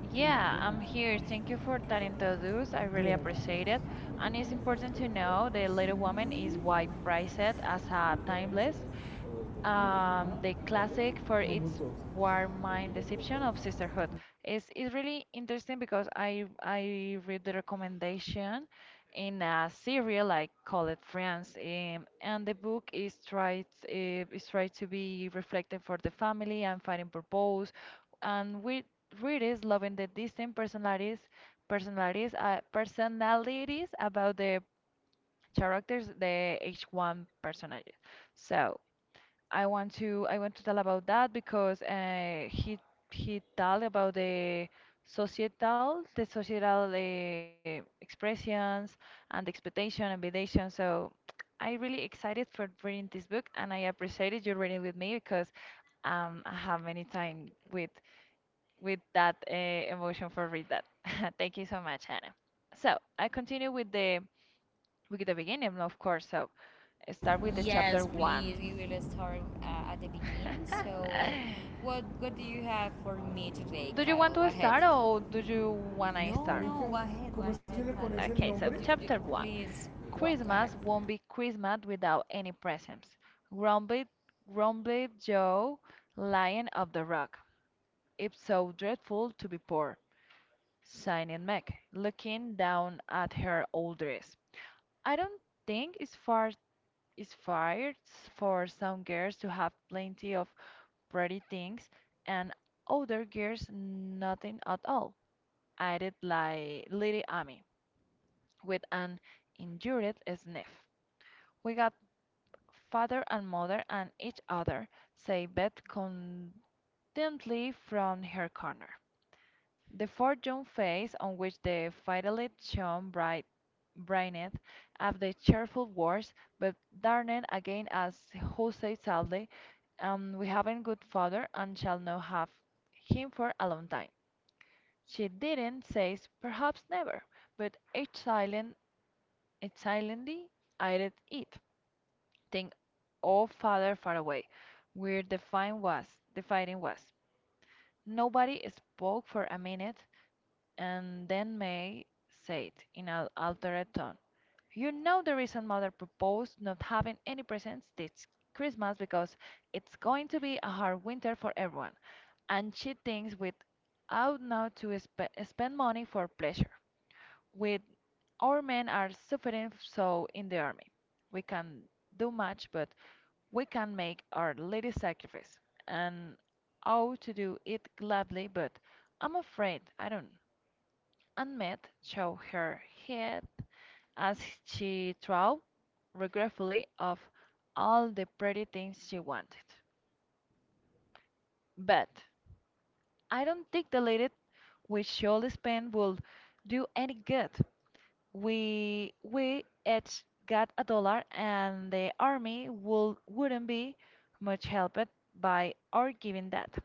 Yeah, I'm here. Thank you for that introduce. I really appreciate it. And it's important to know the Little Woman is white priced as a timeless the classic for its warm mind deception of sisterhood. Is really interesting because I read the recommendation in a serial like Call It Friends, and the book is tried to be reflective for the family and finding purpose, and with readers loving the distinct personalities about the characters the each one personage. So, I want to tell about that because he told about the societal expressions and the expectation and validation. So I really excited for reading this book and I appreciated you reading with me because I have many time with that emotion for read that. Thank you so much, Hannah. So I continue with the beginning, of course. So I start with the chapter one. Do you want to start or do you want to start? Okay, so chapter one. Christmas won't be Christmas without any presents. Grumbled, grumbled Joe, lion of the rock. It's so dreadful to be poor. Signing Meg, looking down at her old dress. I don't think it's far it's fair for some girls to have plenty of pretty things and other girls nothing at all. Added like little Amy, with an injured sniff. We got father and mother and each other, said Beth contentedly from her corner. The forlorn face on which the fiddlet shone brightened at the cheerful words, but darkened again as who said sadly, "We haven't good father and shall not have him for a long time." She didn't say perhaps never, but it silently eyed it. Then all father far away, where the fighting was. Nobody spoke for a minute, and then May said, in an altered tone, "You know the reason mother proposed not having any presents this Christmas because it's going to be a hard winter for everyone, and she thinks we ought now to spend money for pleasure. With our men are suffering so in the army, we can do much, but we can make our little sacrifice, and ought to do it gladly, but I'm afraid I don't." Aneth shook her head as she thought regretfully of all the pretty things she wanted. "But I don't think the little we should spend will do any good. We each got a dollar, and the army wouldn't be much helped by our giving that.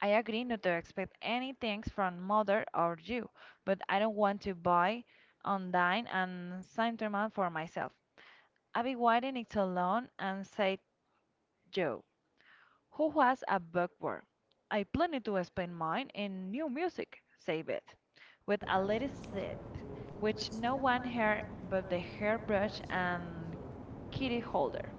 I agree not to expect any things from mother or you, but I don't want to buy on and sentiment for myself. I be waiting it alone and said Joe, who was a bookworm. I planned to spend mine in new music, said Beth, with a little set, which no one heard but the hairbrush and kitty holder.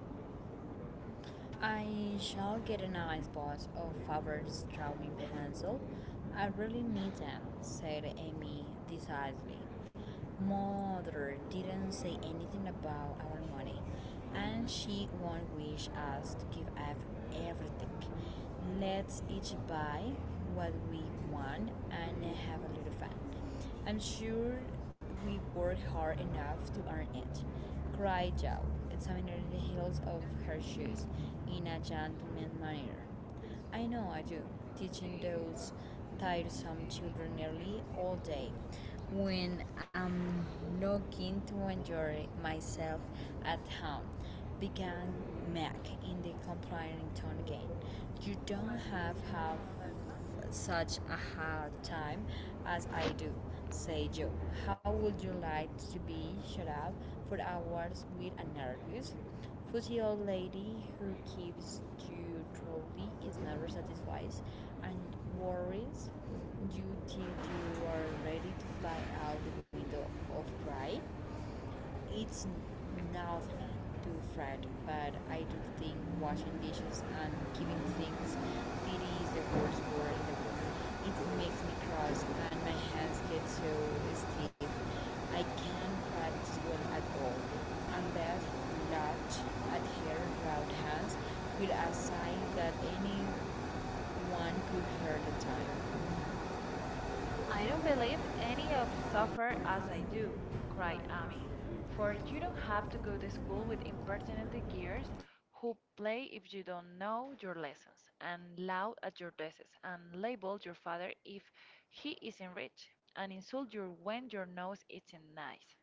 I don't believe any of suffer as I do, cried Amy, for you don't have to go to school with impertinent gears who play if you don't know your lessons, and loud at your desks, and label your father if he isn't rich, and insult you when your nose isn't nice.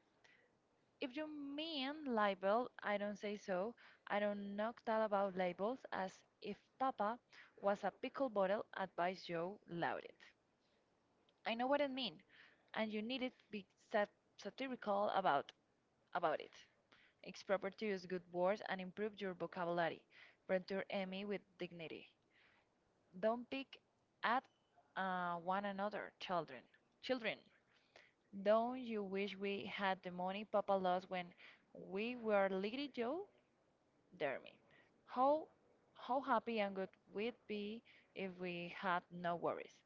If you mean libel, I don't say so. I don't knock that about labels as if Papa was a pickle bottle, advised Joe Loudit. I know what I mean, and you needn't be sat- satirical about it. It's proper to use good words and improve your vocabulary. Return Emmy with dignity. Don't pick at one another, children. Children, don't you wish we had the money Papa lost when we were little Joe? Dear me, how how happy and good we'd be if we had no worries,"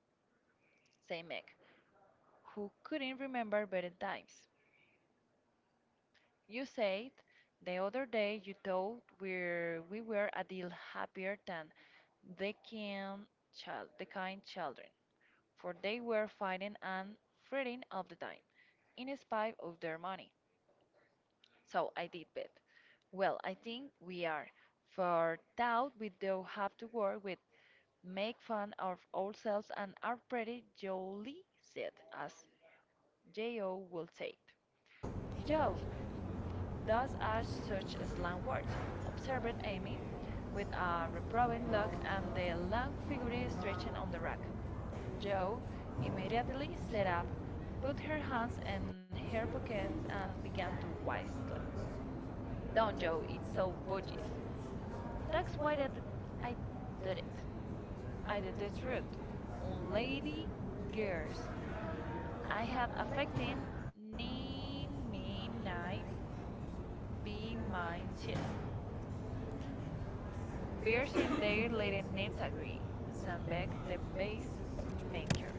said Meg, who couldn't remember better times. You said the other day you thought we were a deal happier than the kind, the kind children, for they were fighting and fretting all the time, in spite of their money. So I did bet. Well, I think we are, for doubt we do have to work with, make fun of ourselves and are pretty jolly set, as J.O. will say. Joe, Thus are such slang words, observed Amy, with a reproving look and the long figure stretching on the rack. Jo immediately sat up, put her hands in her pockets, and began to whistle. "Don't, Joe, it's so bogies. That's why that I did it. I did it rude. On lady girls, I had affecting ni me ni be my chit. Bears in their leading needs agree, Sambeck the pace maker.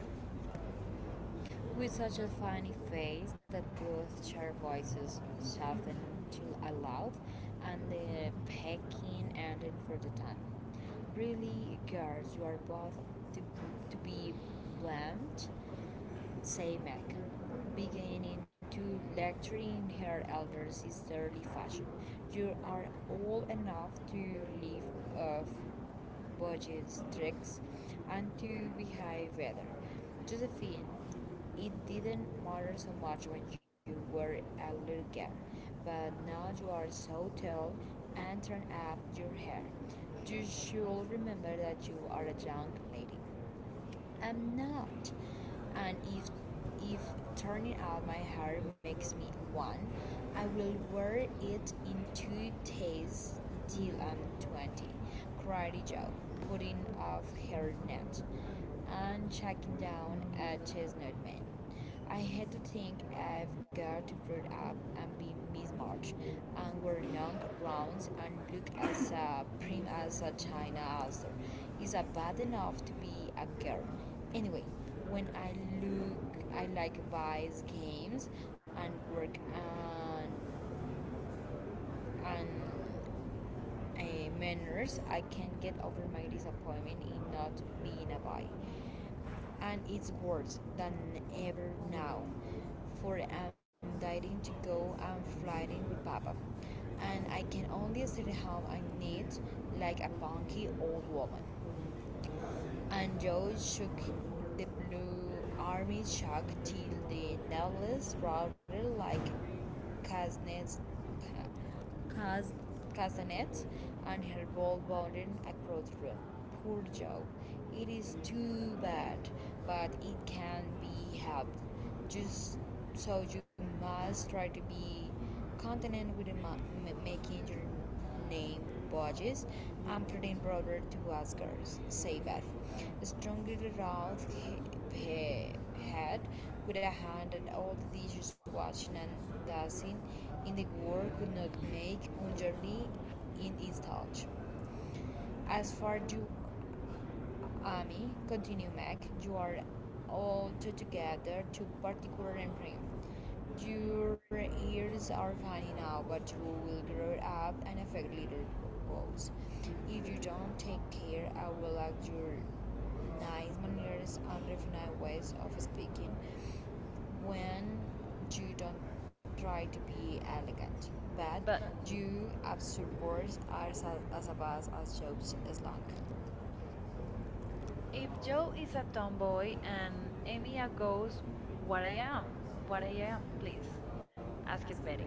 But if Joe is a tomboy and Amy a ghost, what I am, what I am, please, asked Betty,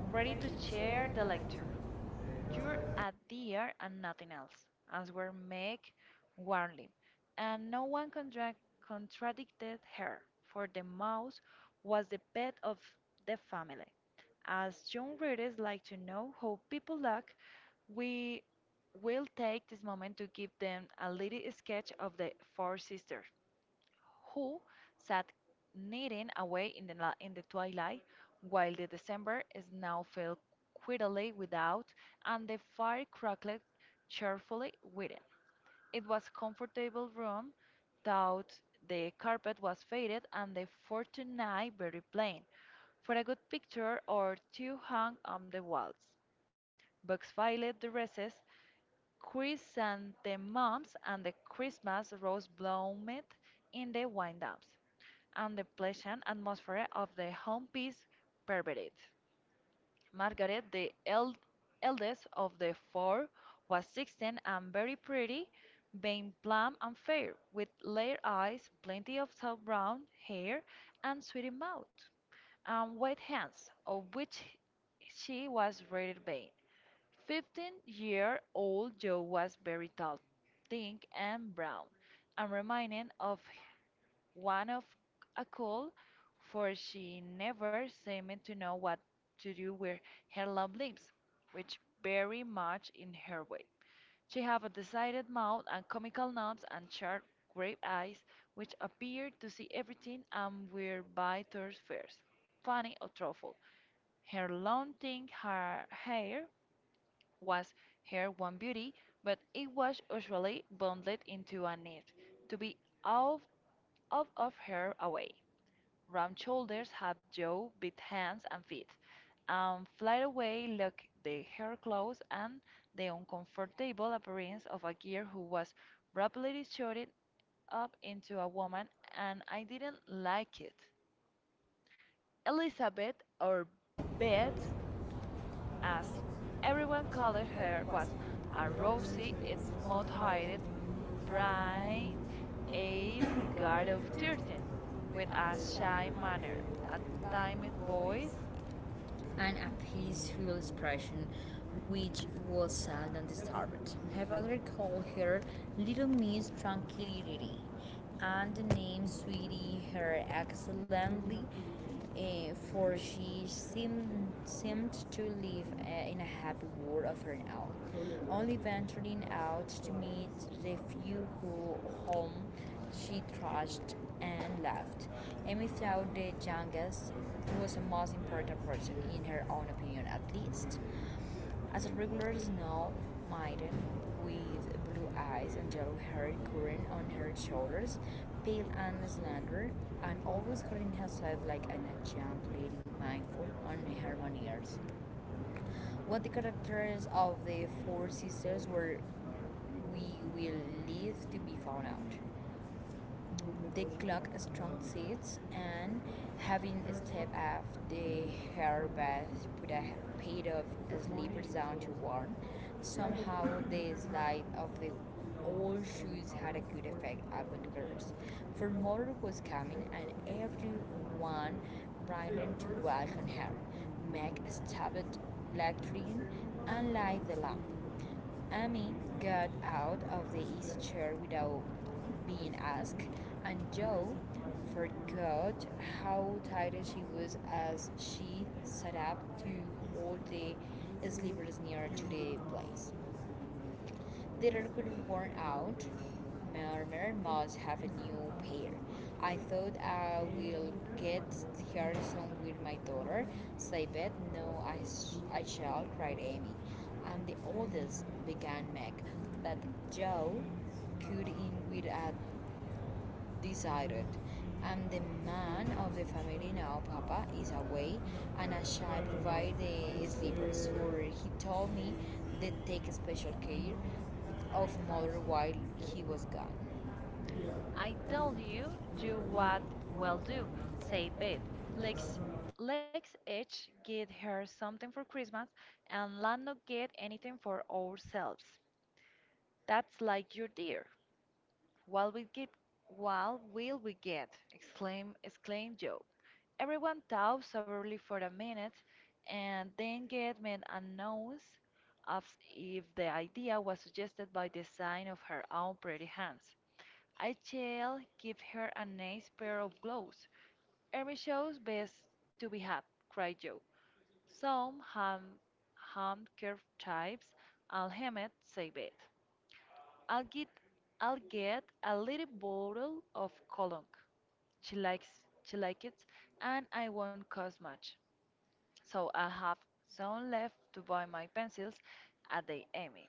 ready to share the lecture. You're a dear and nothing else, answered Meg warmly, and no one contradicted her, for the mouse was the pet of the family. As young readers like to know how people look, we will take this moment to give them a little sketch of the four sisters who sat knitting away in in the twilight, while the December snow fell quietly without, and the fire crackled cheerfully within. It was a comfortable room, though the carpet was faded and the fortunate very plain, for a good picture or two hung on the walls. Books filled the recess, chrysanthemums and the Christmas rose bloomed in the windows, and the pleasant atmosphere of the home piece pervaded. Margaret, the eldest of the four, was 16 and very pretty, being plump and fair, with clear eyes, plenty of soft brown hair, and sweet mouth, and white hands, of which she was rated vain. 15-year-old Joe was very tall, thin and brown, and reminded of one of a colt, for she never seemed to know what to do with her long limbs, which very much in her way. She had a decided mouth and comical nose and sharp grey eyes, which appeared to see everything and were by turns fierce, funny, or thoughtful. Her long thin hair was her one beauty, but it was usually bundled into a net, to be out, out of her away. Round shoulders had Joe bit hands and feet, and fly away looked the hair clothes and the uncomfortable appearance of a girl who was rapidly shorted up into a woman, and I didn't like it. Elizabeth, or Beth, as everyone called her, was a rosy, smooth-haired, bright eyed girl of 13, with a shy manner, a timid voice. I tell you, do what will do, said Beth. Let's, let's each get her something for Christmas, and let not get anything for ourselves. That's like your dear. What we get, what will we get? Exclaimed Joe. Everyone talks soberly for a minute and then gave me a nose, as if the idea was suggested by the sign of her own pretty hands. I shall give her a nice pair of gloves. Ermi shows best to be had, cried Joe. Some handkerchiefs and Hemet save it. I'll get I'll get a little bottle of cologne. She likes she likes it and I won't cost much. So I have some left to buy my pencils at the Emmy.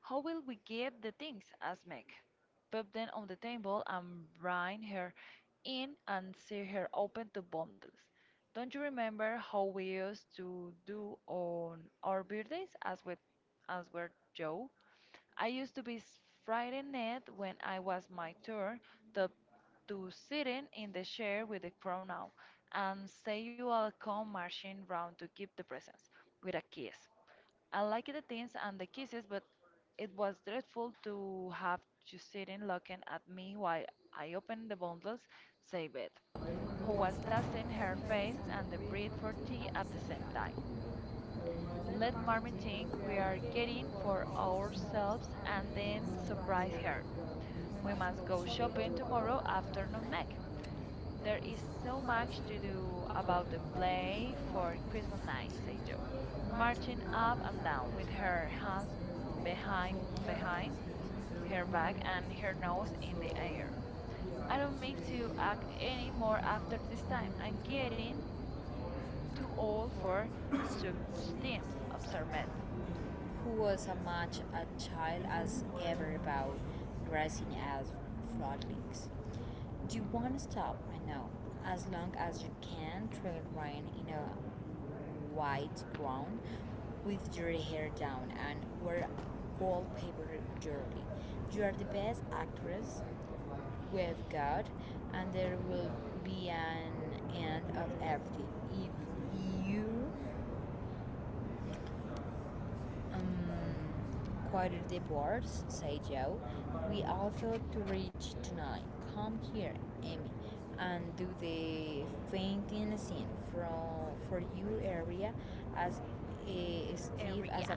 How will we get the things? Asked Meg. Put them on the table and bring her in and see her open the bundles. Don't you remember how we used to do on our birthdays? As were Joe. I used to be frightened at when I was my tour to, to sitting in the chair with the crown now, and say you all come marching round to give the presents with a kiss. I liked the things and the kisses, but it was dreadful to have you sitting looking at me while I opened the bundles, save it, who was dusting her face and the bread for tea at the same time. Let Marmy think we are getting for ourselves and then surprise her. We must go shopping tomorrow afternoon, Meg. There is so much to do about the play for Christmas night, said Joe, marching up and down with her hands behind her back and her nose in the air. I don't mean to act any more after this time. I'm getting too old for such things, observed Matt. Every yeah.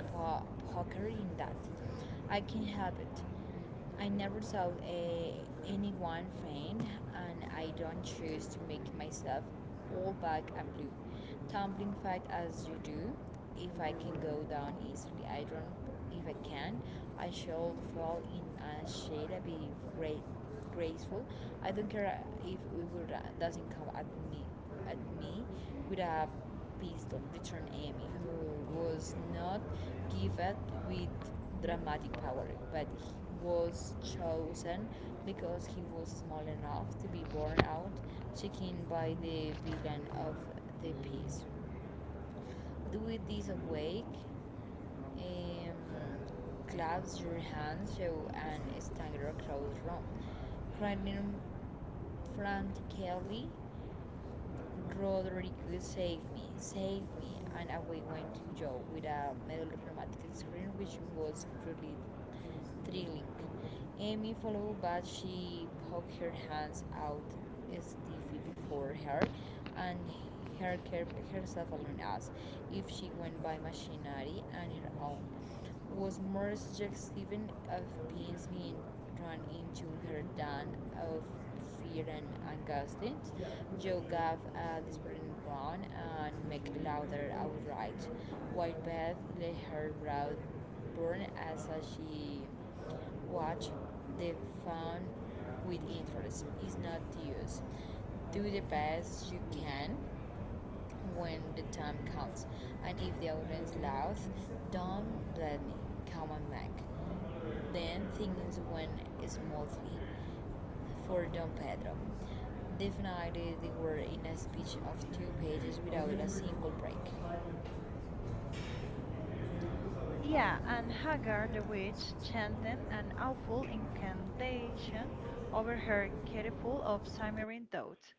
Yeah, and Hagar the witch chanted an awful incantation over her careful of simmering thoughts.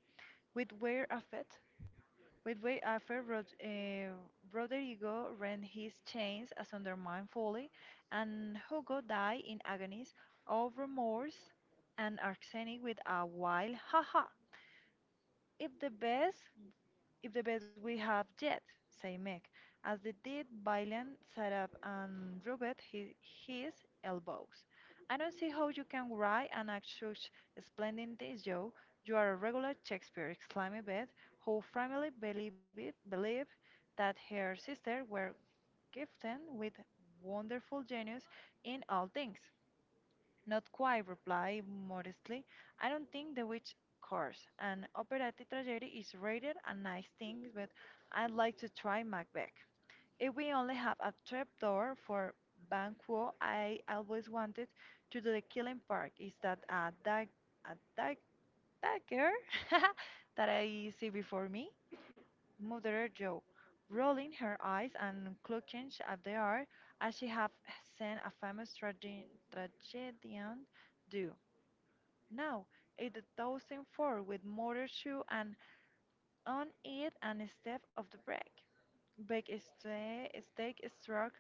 With way after, with way after Rodrigo rent his chains asunder mindfully, and Hugo died in agonies of remorse and Arsenic with a wild ha ha. If the best, if the best we have yet, said Meg, as they did Violent sat up and rubbed his elbows. I don't see how you can write and act such splendid things, Joe. You are a regular Shakespeare, exclaimed Beth, who firmly believed that her sisters were gifted with wonderful genius in all things. Not quite, replied modestly. I don't think the witch course an operatic tragedy is rated a nice thing, but I'd like to try Macbeth. If we only have a trapdoor for Banquo, I always wanted to do the Killing Park. Is that a dagger that I see before me? Muttered Joe, rolling her eyes and clucking at the air as she had seen a famous tragedian do. Now it the toasting fork with motor shoe and on it and step of the bread. Bake a steak struck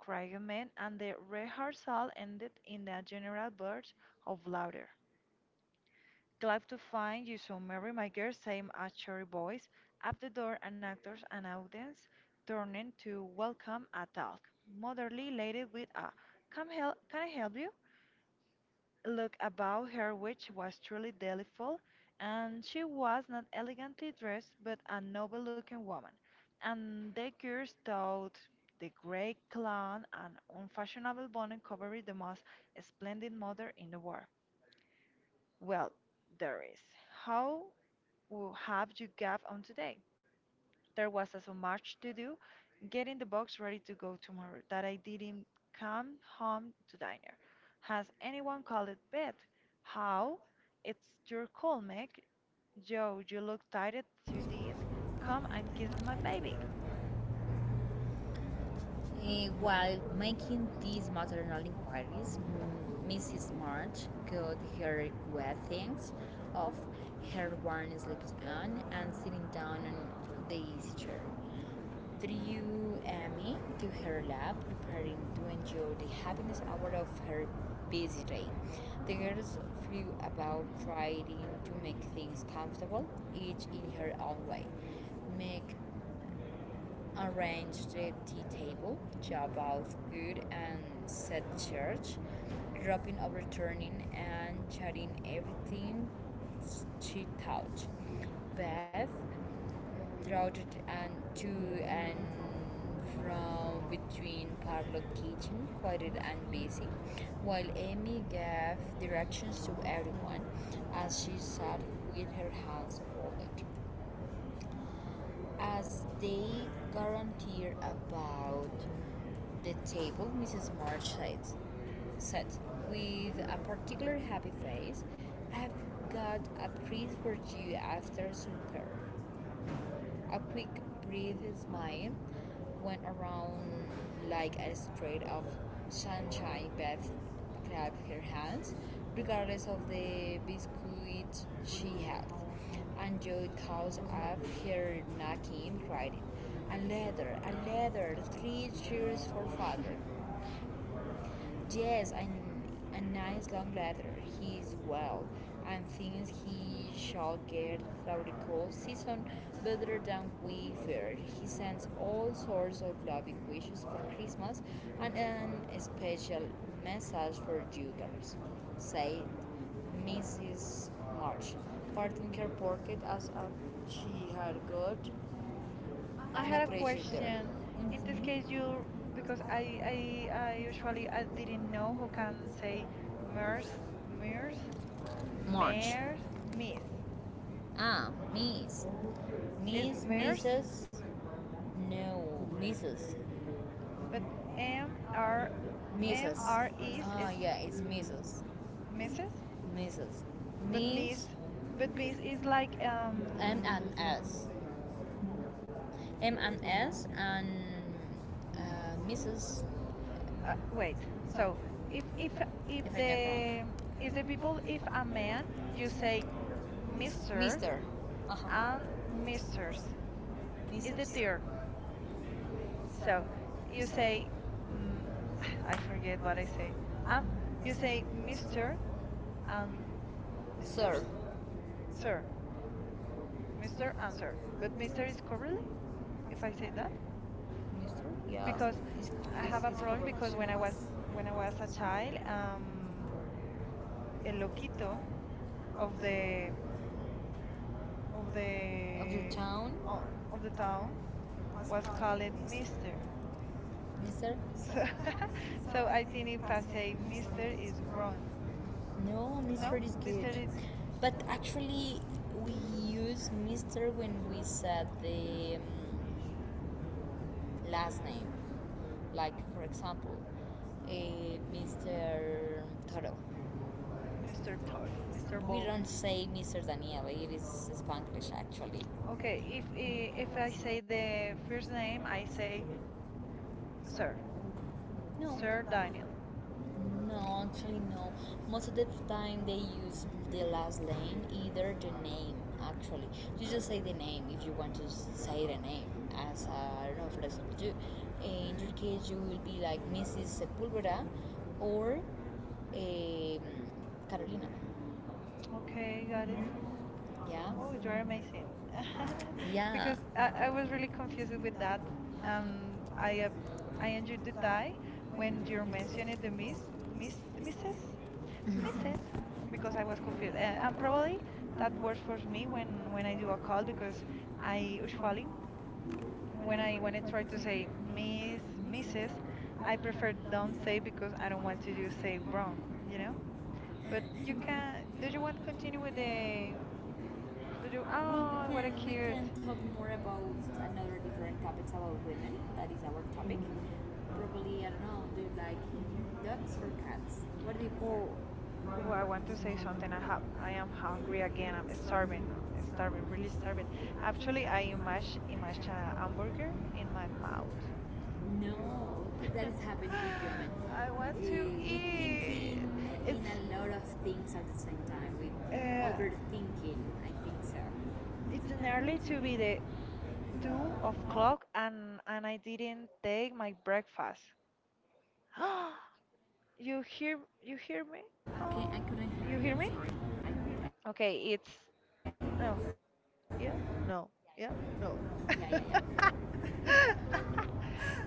crackman, and the rehearsal ended in a general burst of laughter. Glad to find you so merry, my girl, same a cheery voice. Up the door, and actors and audience turning to welcome a talk. Motherly lady with a come help, can I help you? Look about her which was truly delightful, and she was not elegantly dressed, but a noble-looking woman, and the girls thought the grey clown and unfashionable bonnet covered the most splendid mother in the world. Well, there is. How have you got on today? There was so much to do, getting the box ready to go tomorrow, that I didn't come home to dinner. Has anyone called it bed? How? It's your call, Meg. Joe, you look tired to it. Come and kiss my baby. I had a question. In this case, you because I usually I didn't know who can say MERS, MERS, MER, miss. It's MERS, but M R M R is Mrs. But Miss, but Miss is like wait. So if if if the if the people if a man you say Mister and Misters is the tier. So you say mm, I forget what I say. Um, you say Mister and Misters, sir, Mister and sir. But Mister is correctly if I say that. Because I have a problem because when I was a child, el loquito of of the of the town was called Mister. So so I think if I say Mister is wrong. No, Mister it's Mr. Toro, Mr. Ball. Okay, if I say the first name, I say Sir, Sir Daniel. Okay, got it. Oh, you're amazing. Because I was really confused with that. Um, I uh, I enjoyed the tie when you mentioned the miss, misses, misses, because I was confused. And probably that works for me when I do a call because I usually when I try to say miss, misses, I prefer don't say because I don't want to do say wrong, you know? But you can. Do you want to continue with the? Do you? Oh, what a cute. Oh, oh, I want to say something. I am hungry again. I'm starving, really starving. Actually, I imagine imagine a hamburger in my mouth. I want to eat. It's uh, it's nearly to be the 2 o'clock, and I didn't take my breakfast. You hear me? Oh, you hear me? Okay, it's no. Yeah, no, yeah, no.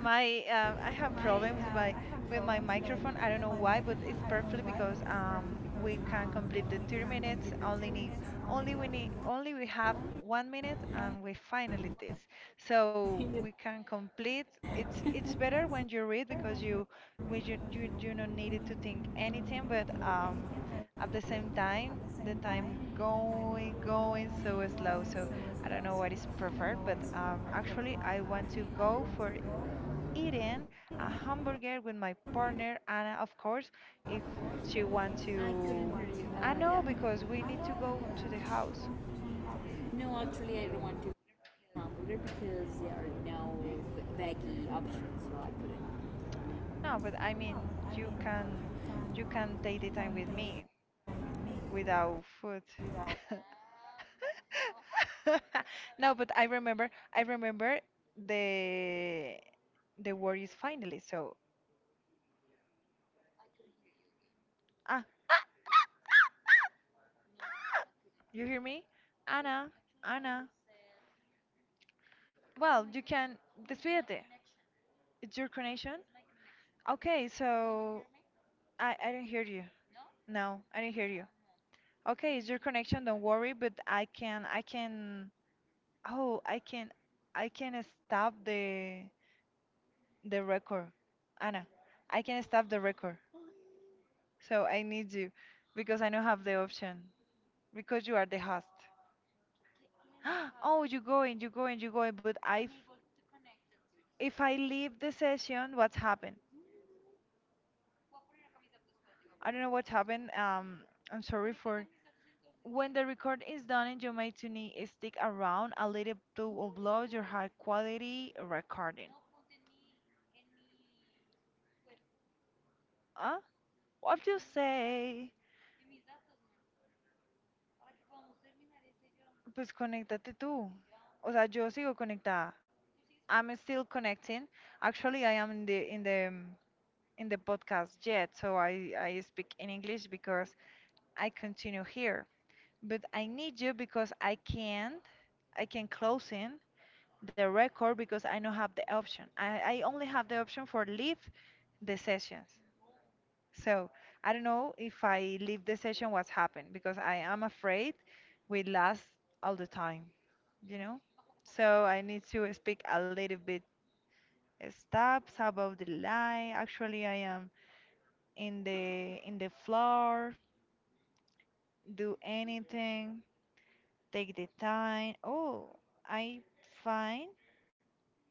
My I have problems with my microphone. I don't know why, but it's perfectly because we can complete the 30 minutes. Only we have 1 minute and we finally this. So we can complete. It's better when you read because you when you don't need it to think anything. But at the same time the time going so slow, so I don't know what is preferred, but actually I want to go for eating a hamburger with my partner anna, of course, if she wants to. I know, because we need to go to the house. No, but I mean you can take the time with me without food. No, but I remember the the word is finally. So, ah, you hear me? Anna, Anna. Well, you can despídete. It's your connection. Okay, so I didn't hear you. No, I didn't hear you. Okay, it's your connection. Don't worry, but I can. Oh, I can stop the record. Anna, I can stop the record. So I need you because I don't have the option because you are the host. Oh, you going. But if I leave the session, what's happened? I don't know what happened. I'm sorry for. When the record is done, and you may to need stick around a little to upload your high quality recording. Huh? What you say? Pues conéctate tú. O sea, yo sigo conectada. I'm still connecting. Actually, I am in the in the in the podcast yet, so I speak in English because I continue here. But I need you because I can't I can close in the record because I don't have the option. I only have the option for leave the sessions. So I don't know if I leave the session, what's happened because I am afraid we last all the time, you know. So I need to speak a little bit. Stops. How about the lie? Actually, I am in the floor. Do anything. Take the time. Oh, I find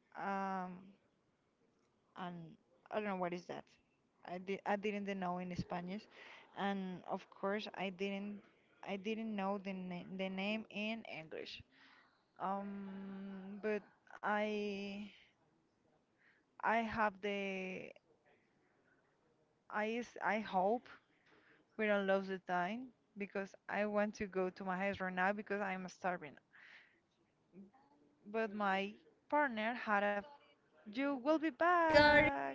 um and I don't know what is that. I didn't know in Spanish, and of course I didn't know the name in English. Um, but I I have the I is I hope we don't lose the time because I want to go to my house right now because I'm starving. But my partner I had a got it. you will be back.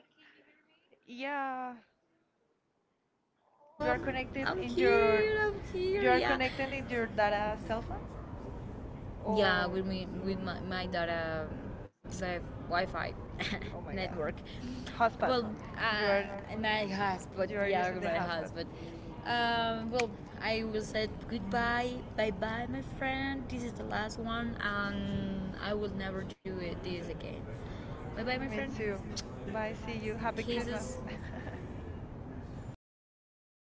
Yeah, Oh, you are I'm, connected I'm in your here. I'm here. you are Yeah, connecting with your data cell phone? yeah. Or With me, with my data, the Wi-Fi oh my god, network. hotspot. Well, You are my husband. you are Yeah, using the my hotspot. husband. Um, well, I will say goodbye, bye bye, my friend. This is the last one, and I will never do it this again. Bye bye, my Me friend. too. Bye. See you. Happy Kisses. Christmas.